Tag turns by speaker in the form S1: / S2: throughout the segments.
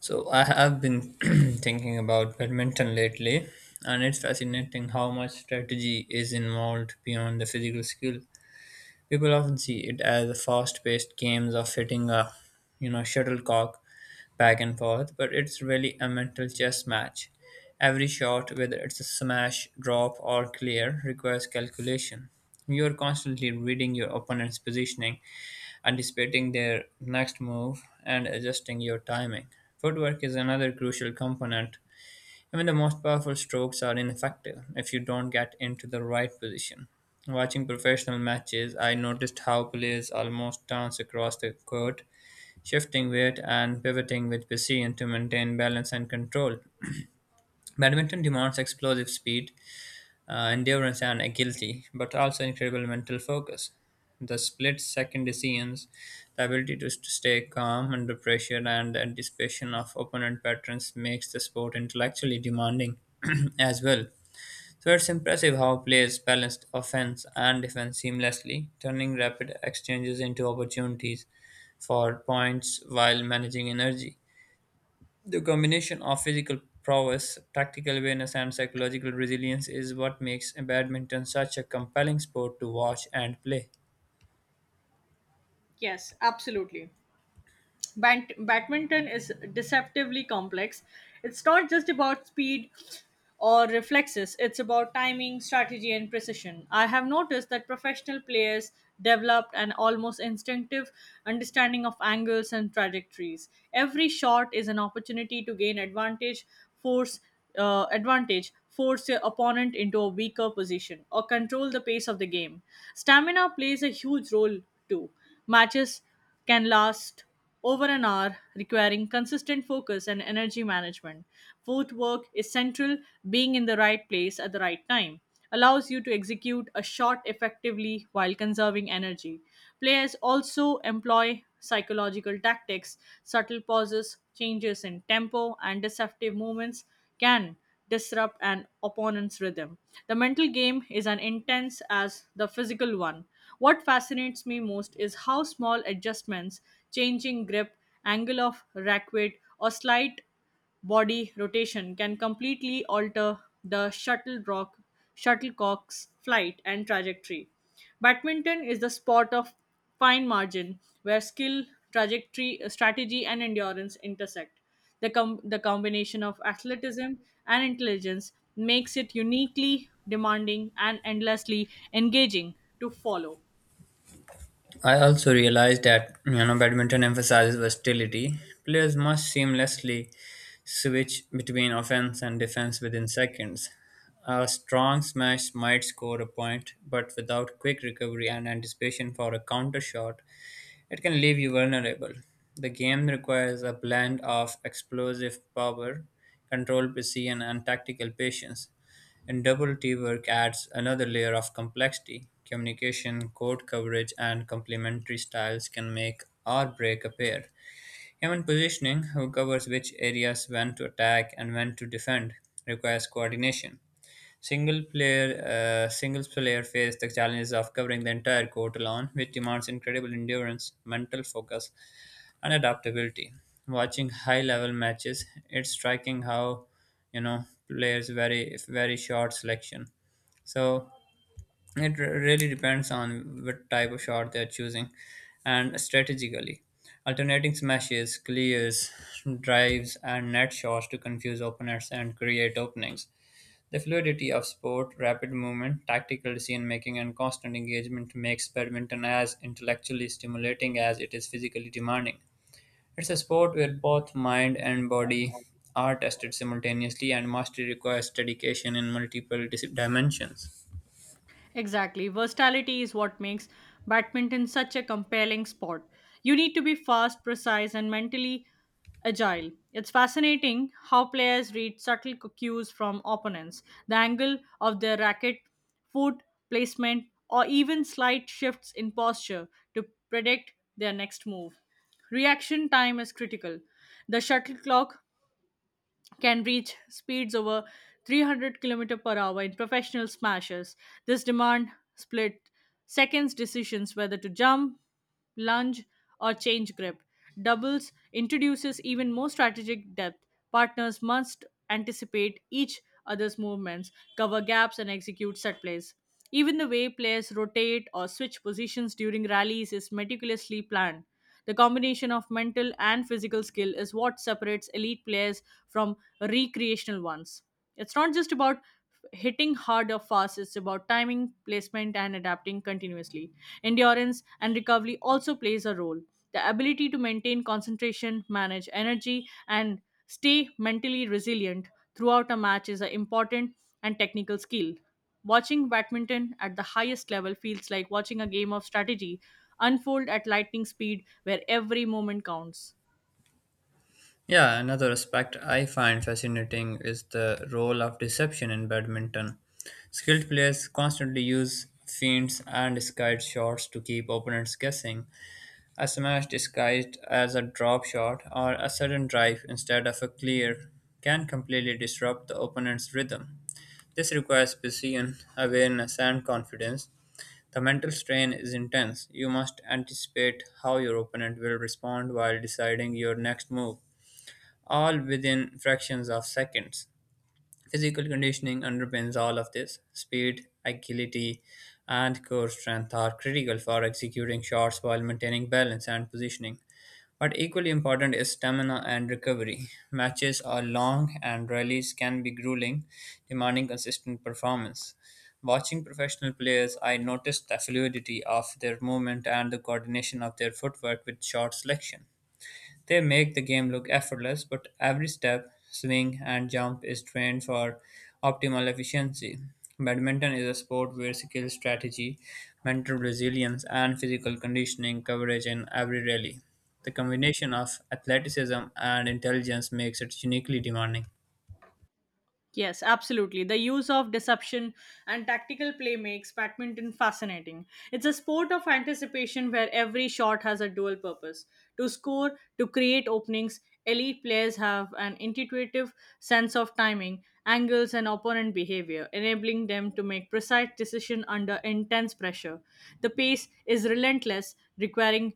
S1: So I have been thinking about badminton lately, and it's fascinating how much strategy is involved beyond the physical skill. People often see it as a fast-paced games of hitting a, shuttlecock back and forth, but it's really a mental chess match. Every shot, whether it's a smash, drop, or clear, requires calculation. You are constantly reading your opponent's positioning anticipating their next move, and adjusting your timing. Footwork is another crucial component. Even the most powerful strokes are ineffective if you don't get into the right position. Watching professional matches, I noticed how players almost dance across the court, shifting weight and pivoting with precision to maintain balance and control. Badminton demands explosive speed, endurance, and agility, but also incredible mental focus. The split second decisions, the ability to stay calm under pressure, and the anticipation of opponent patterns makes the sport intellectually demanding as well. So it's impressive how players balanced offense and defense seamlessly, turning rapid exchanges into opportunities for points while managing energy. The combination of physical prowess, tactical awareness, and psychological resilience is what makes badminton such a compelling sport to watch and play.
S2: Yes, absolutely. Badminton is deceptively complex. It's not just about speed or reflexes, it's about timing, strategy, and precision. I have noticed that professional players developed an almost instinctive understanding of angles and trajectories. Every shot is an opportunity to gain advantage, force force your opponent into a weaker position, or control the pace of the game. Stamina plays a huge role too. Matches can last over an hour, requiring consistent focus and energy management. Footwork is central, being in the right place at the right time allows you to execute a shot effectively while conserving energy. Players also employ psychological tactics, subtle pauses, changes in tempo, and deceptive movements can disrupt an opponent's rhythm. The mental game is as intense as the physical one. What fascinates me most is how small adjustments, changing grip, angle of rack weight, or slight body rotation can completely alter the shuttlecock's flight and trajectory. Badminton is the sport of fine margin where skill, strategy, and endurance intersect. The combination of athleticism and intelligence makes it uniquely demanding and endlessly engaging to follow.
S1: I also realized that badminton emphasizes versatility. Players must seamlessly switch between offense and defense within seconds. A strong smash might score a point, but without quick recovery and anticipation for a counter shot, it can leave you vulnerable. The game requires a blend of explosive power, control precision, and tactical patience. And double T work adds another layer of complexity. Communication, code coverage, and complementary styles can make or break a pair. Human positioning, who covers which areas when to attack and when to defend, requires coordination. Singles player face the challenges of covering the entire court alone, which demands incredible endurance, mental focus, and adaptability. Watching high-level matches, it's striking how players vary very short selection. So it really depends on what type of shot they're choosing, and strategically, alternating smashes, clears, drives, and net shots to confuse opponents and create openings. The fluidity of sport, rapid movement, tactical decision-making, and constant engagement makes badminton as intellectually stimulating as it is physically demanding. It's a sport where both mind and body are tested simultaneously, and mastery requires dedication in multiple dimensions.
S2: Exactly. Versatility is what makes badminton such a compelling sport. You need to be fast, precise, and mentally agile. It's fascinating how players read subtle cues from opponents, the angle of their racket, foot placement, or even slight shifts in posture to predict their next move. Reaction time is critical. The shuttle clock can reach speeds over 300 km per hour in professional smashers. This demand split seconds decisions whether to jump, lunge, or change grip. Doubles introduces even more strategic depth. Partners must anticipate each other's movements, cover gaps, and execute set plays. Even the way players rotate or switch positions during rallies is meticulously planned. The combination of mental and physical skill is what separates elite players from recreational ones. It's not just about hitting hard or fast, it's about timing, placement, and adapting continuously. Endurance and recovery also plays a role. The ability to maintain concentration, manage energy, and stay mentally resilient throughout a match is an important and technical skill. Watching badminton at the highest level feels like watching a game of strategy unfold at lightning speed where every moment counts.
S1: Yeah, another aspect I find fascinating is the role of deception in badminton. Skilled players constantly use feints and disguised shots to keep opponents guessing. A smash disguised as a drop shot or a sudden drive instead of a clear can completely disrupt the opponent's rhythm. This requires precision, awareness, and confidence. The mental strain is intense. You must anticipate how your opponent will respond while deciding your next move, all within fractions of seconds. Physical conditioning underpins all of this. Speed, agility, and core strength are critical for executing shots while maintaining balance and positioning. But equally important is stamina and recovery. Matches are long and rallies can be grueling, demanding consistent performance. Watching professional players, I noticed the fluidity of their movement and the coordination of their footwork with shot selection. They make the game look effortless, but every step, swing, and jump is trained for optimal efficiency. Badminton is a sport where skill, strategy, mental resilience, and physical conditioning coverage in every rally. The combination of athleticism and intelligence makes it uniquely demanding.
S2: Yes, absolutely. The use of deception and tactical play makes badminton fascinating. It's a sport of anticipation where every shot has a dual purpose to score, to create openings. Elite players have an intuitive sense of timing, angles, and opponent behavior, enabling them to make precise decisions under intense pressure. The pace is relentless, requiring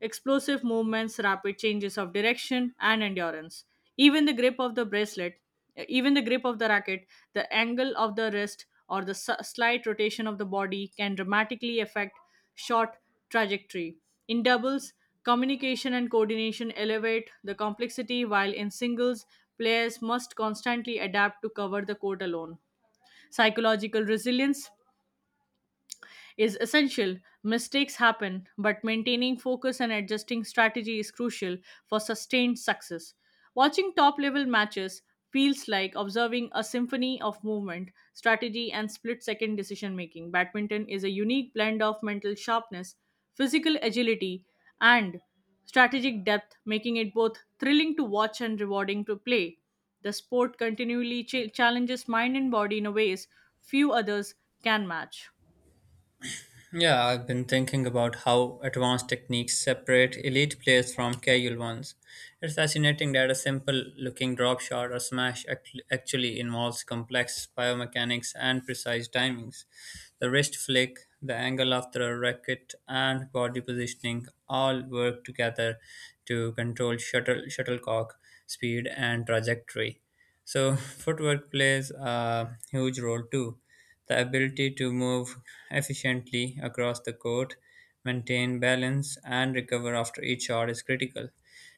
S2: explosive movements, rapid changes of direction, and endurance. Even the grip of the bracelet, even the grip of the racket, the angle of the wrist, or the slight rotation of the body can dramatically affect shot trajectory. In doubles, communication and coordination elevate the complexity, while in singles, players must constantly adapt to cover the court alone. Psychological resilience is essential. Mistakes happen, but maintaining focus and adjusting strategy is crucial for sustained success. Watching top level matches feels like observing a symphony of movement, strategy, and split second decision making. Badminton is a unique blend of mental sharpness, physical agility, and strategic depth, making it both thrilling to watch and rewarding to play. The sport continually challenges mind and body in a ways few others can match.
S1: Yeah, I've been thinking about how advanced techniques separate elite players from casual ones. It's fascinating that a simple looking drop shot or smash actually involves complex biomechanics and precise timings. The wrist flick, the angle of the racket, and body positioning all work together to control shuttlecock speed and trajectory. So, footwork plays a huge role too. The ability to move efficiently across the court, maintain balance, and recover after each shot is critical.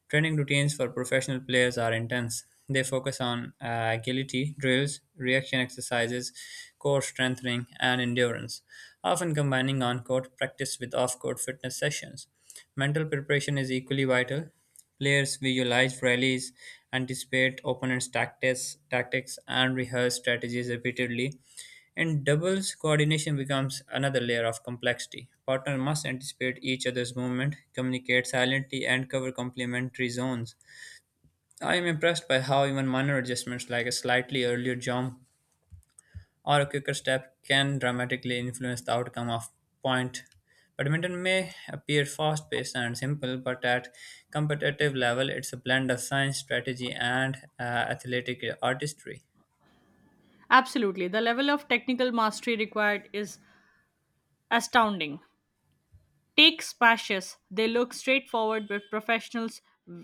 S1: Training routines for professional players are intense. They focus on agility, drills, reaction exercises, core strengthening, and endurance, often combining on court practice with off court fitness sessions. Mental preparation is equally vital. Players visualize rallies, anticipate tactics and rehearse strategies repeatedly. In doubles, coordination becomes another layer of complexity. Partners must anticipate each other's movement, communicate silently, and cover complementary zones. I am impressed by how even minor adjustments like a slightly earlier jump or a quicker step can dramatically influence the outcome of point. Badminton may appear fast paced and simple, but at competitive level, it's a blend of science, strategy, and athletic artistry.
S2: Absolutely. The level of technical mastery required is astounding. Take splashes. They look straightforward, but professionals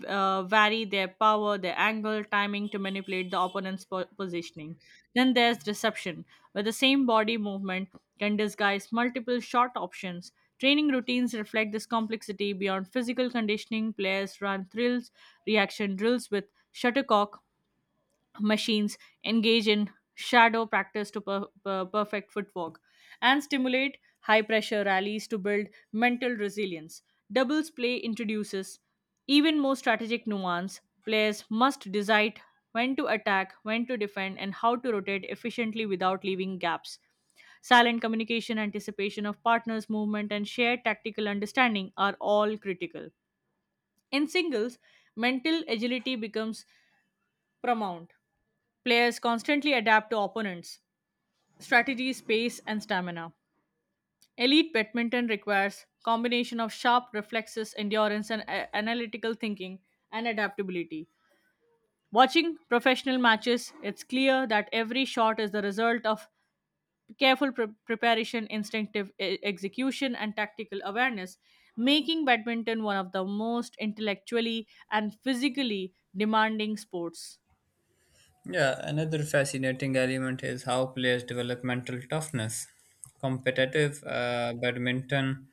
S2: vary their power, their angle, timing to manipulate the opponent's positioning. Then there's reception, where the same body movement can disguise multiple shot options. Training routines reflect this complexity beyond physical conditioning. Players run thrills, reaction drills with shuttlecock machines engage in shadow practice to perfect footwork and stimulate high pressure rallies to build mental resilience. Doubles play introduces even more strategic nuance. Players must decide when to attack, when to defend, and how to rotate efficiently without leaving gaps. Silent communication, anticipation of partners' movement, and shared tactical understanding are all critical. In singles, mental agility becomes paramount. Players constantly adapt to opponents, strategy, pace, and stamina. Elite badminton requires combination of sharp reflexes, endurance, and analytical thinking and adaptability. Watching professional matches, it's clear that every shot is the result of careful preparation, instinctive execution, and tactical awareness, making badminton one of the most intellectually and physically demanding sports.
S1: Yeah, another fascinating element is how players develop mental toughness. Competitive badminton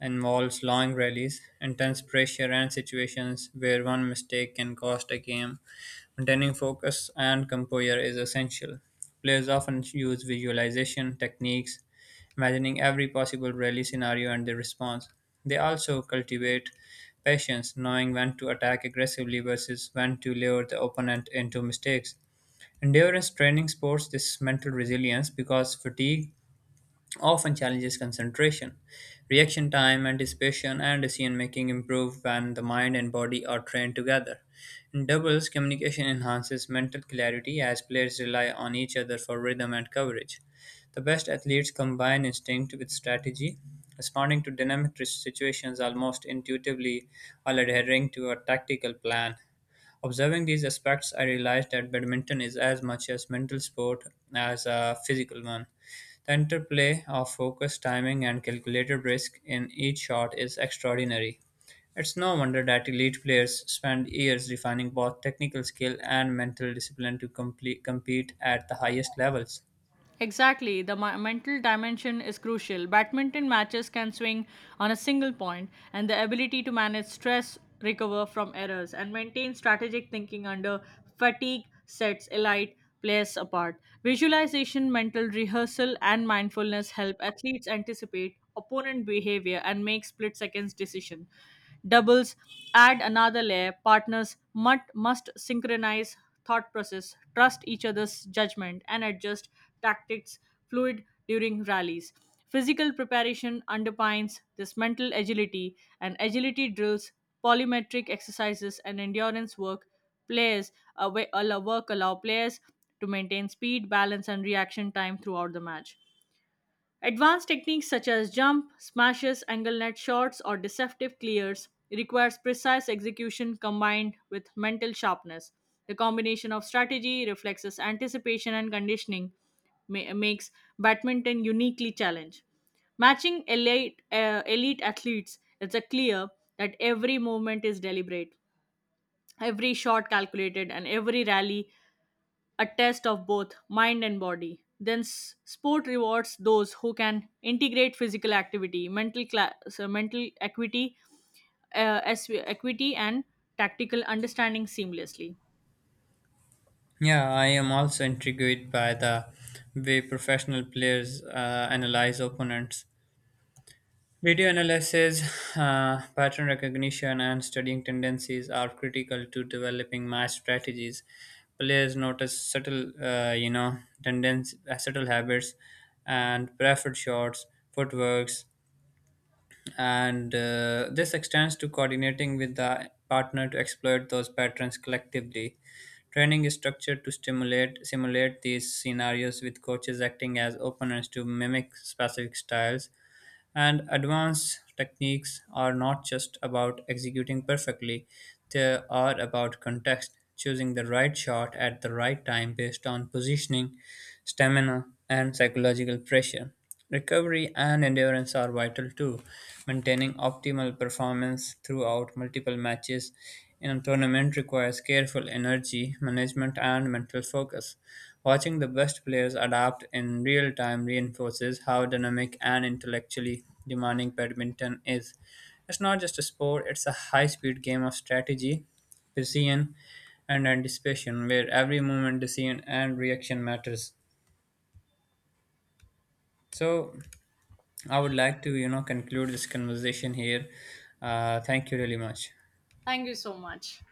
S1: involves long rallies, intense pressure, and situations where one mistake can cost a game. Maintaining focus and composure is essential. Players often use visualization techniques, imagining every possible rally scenario and their response. They also cultivate patience, knowing when to attack aggressively versus when to lure the opponent into mistakes. Endurance training supports this mental resilience because fatigue often challenges concentration. Reaction time, anticipation, and decision making improve when the mind and body are trained together. In doubles, communication enhances mental clarity as players rely on each other for rhythm and coverage. The best athletes combine instinct with strategy, responding to dynamic situations almost intuitively while adhering to a tactical plan. Observing these aspects, I realized that badminton is as much a mental sport as a physical one. The interplay of focus, timing, and calculated risk in each shot is extraordinary. It's no wonder that elite players spend years refining both technical skill and mental discipline to compete at the highest levels.
S2: Exactly, the mental dimension is crucial. Badminton matches can swing on a single point, and the ability to manage stress, recover from errors, and maintain strategic thinking under fatigue sets elite players apart. Visualization, mental rehearsal, and mindfulness help athletes anticipate opponent behavior and make split seconds decision doubles add another layer partners must synchronize thought process trust each other's judgment and adjust tactics fluid during rallies physical preparation underpins this mental agility and agility drills polymetric exercises and endurance work players allow players to maintain speed balance and reaction time throughout the match. Advanced techniques such as jump, smashes, angle net shots, or deceptive clears requires precise execution combined with mental sharpness. The combination of strategy, reflexes, anticipation, and conditioning makes badminton uniquely challenged. Elite athletes, it's a clear that every movement is deliberate, every shot calculated, and every rally a test of both mind and body. Then sport rewards those who can integrate physical activity, mental cla- so mental equity, as equity and tactical understanding seamlessly.
S1: Yeah, I am also intrigued by the way professional players analyze opponents. Video analysis, pattern recognition, and studying tendencies are critical to developing match strategies. Players notice subtle, you know, tendencies, subtle habits, and preferred shots, footworks, and this extends to coordinating with the partner to exploit those patterns collectively. Training is structured to stimulate simulate these scenarios with coaches acting as openers to mimic specific styles and advanced techniques are not just about executing perfectly, they are about context, choosing the right shot at the right time based on positioning, stamina, and psychological pressure. Recovery and endurance are vital too. Maintaining optimal performance throughout multiple matches in a tournament requires careful energy management and mental focus. Watching the best players adapt in real time reinforces how dynamic and intellectually demanding badminton is. It's not just a sport, it's a high speed game of strategy, precision, and anticipation where every movement, decision, and reaction matters. So, I would like to, conclude this conversation here. Thank you really much.
S2: Thank you so much.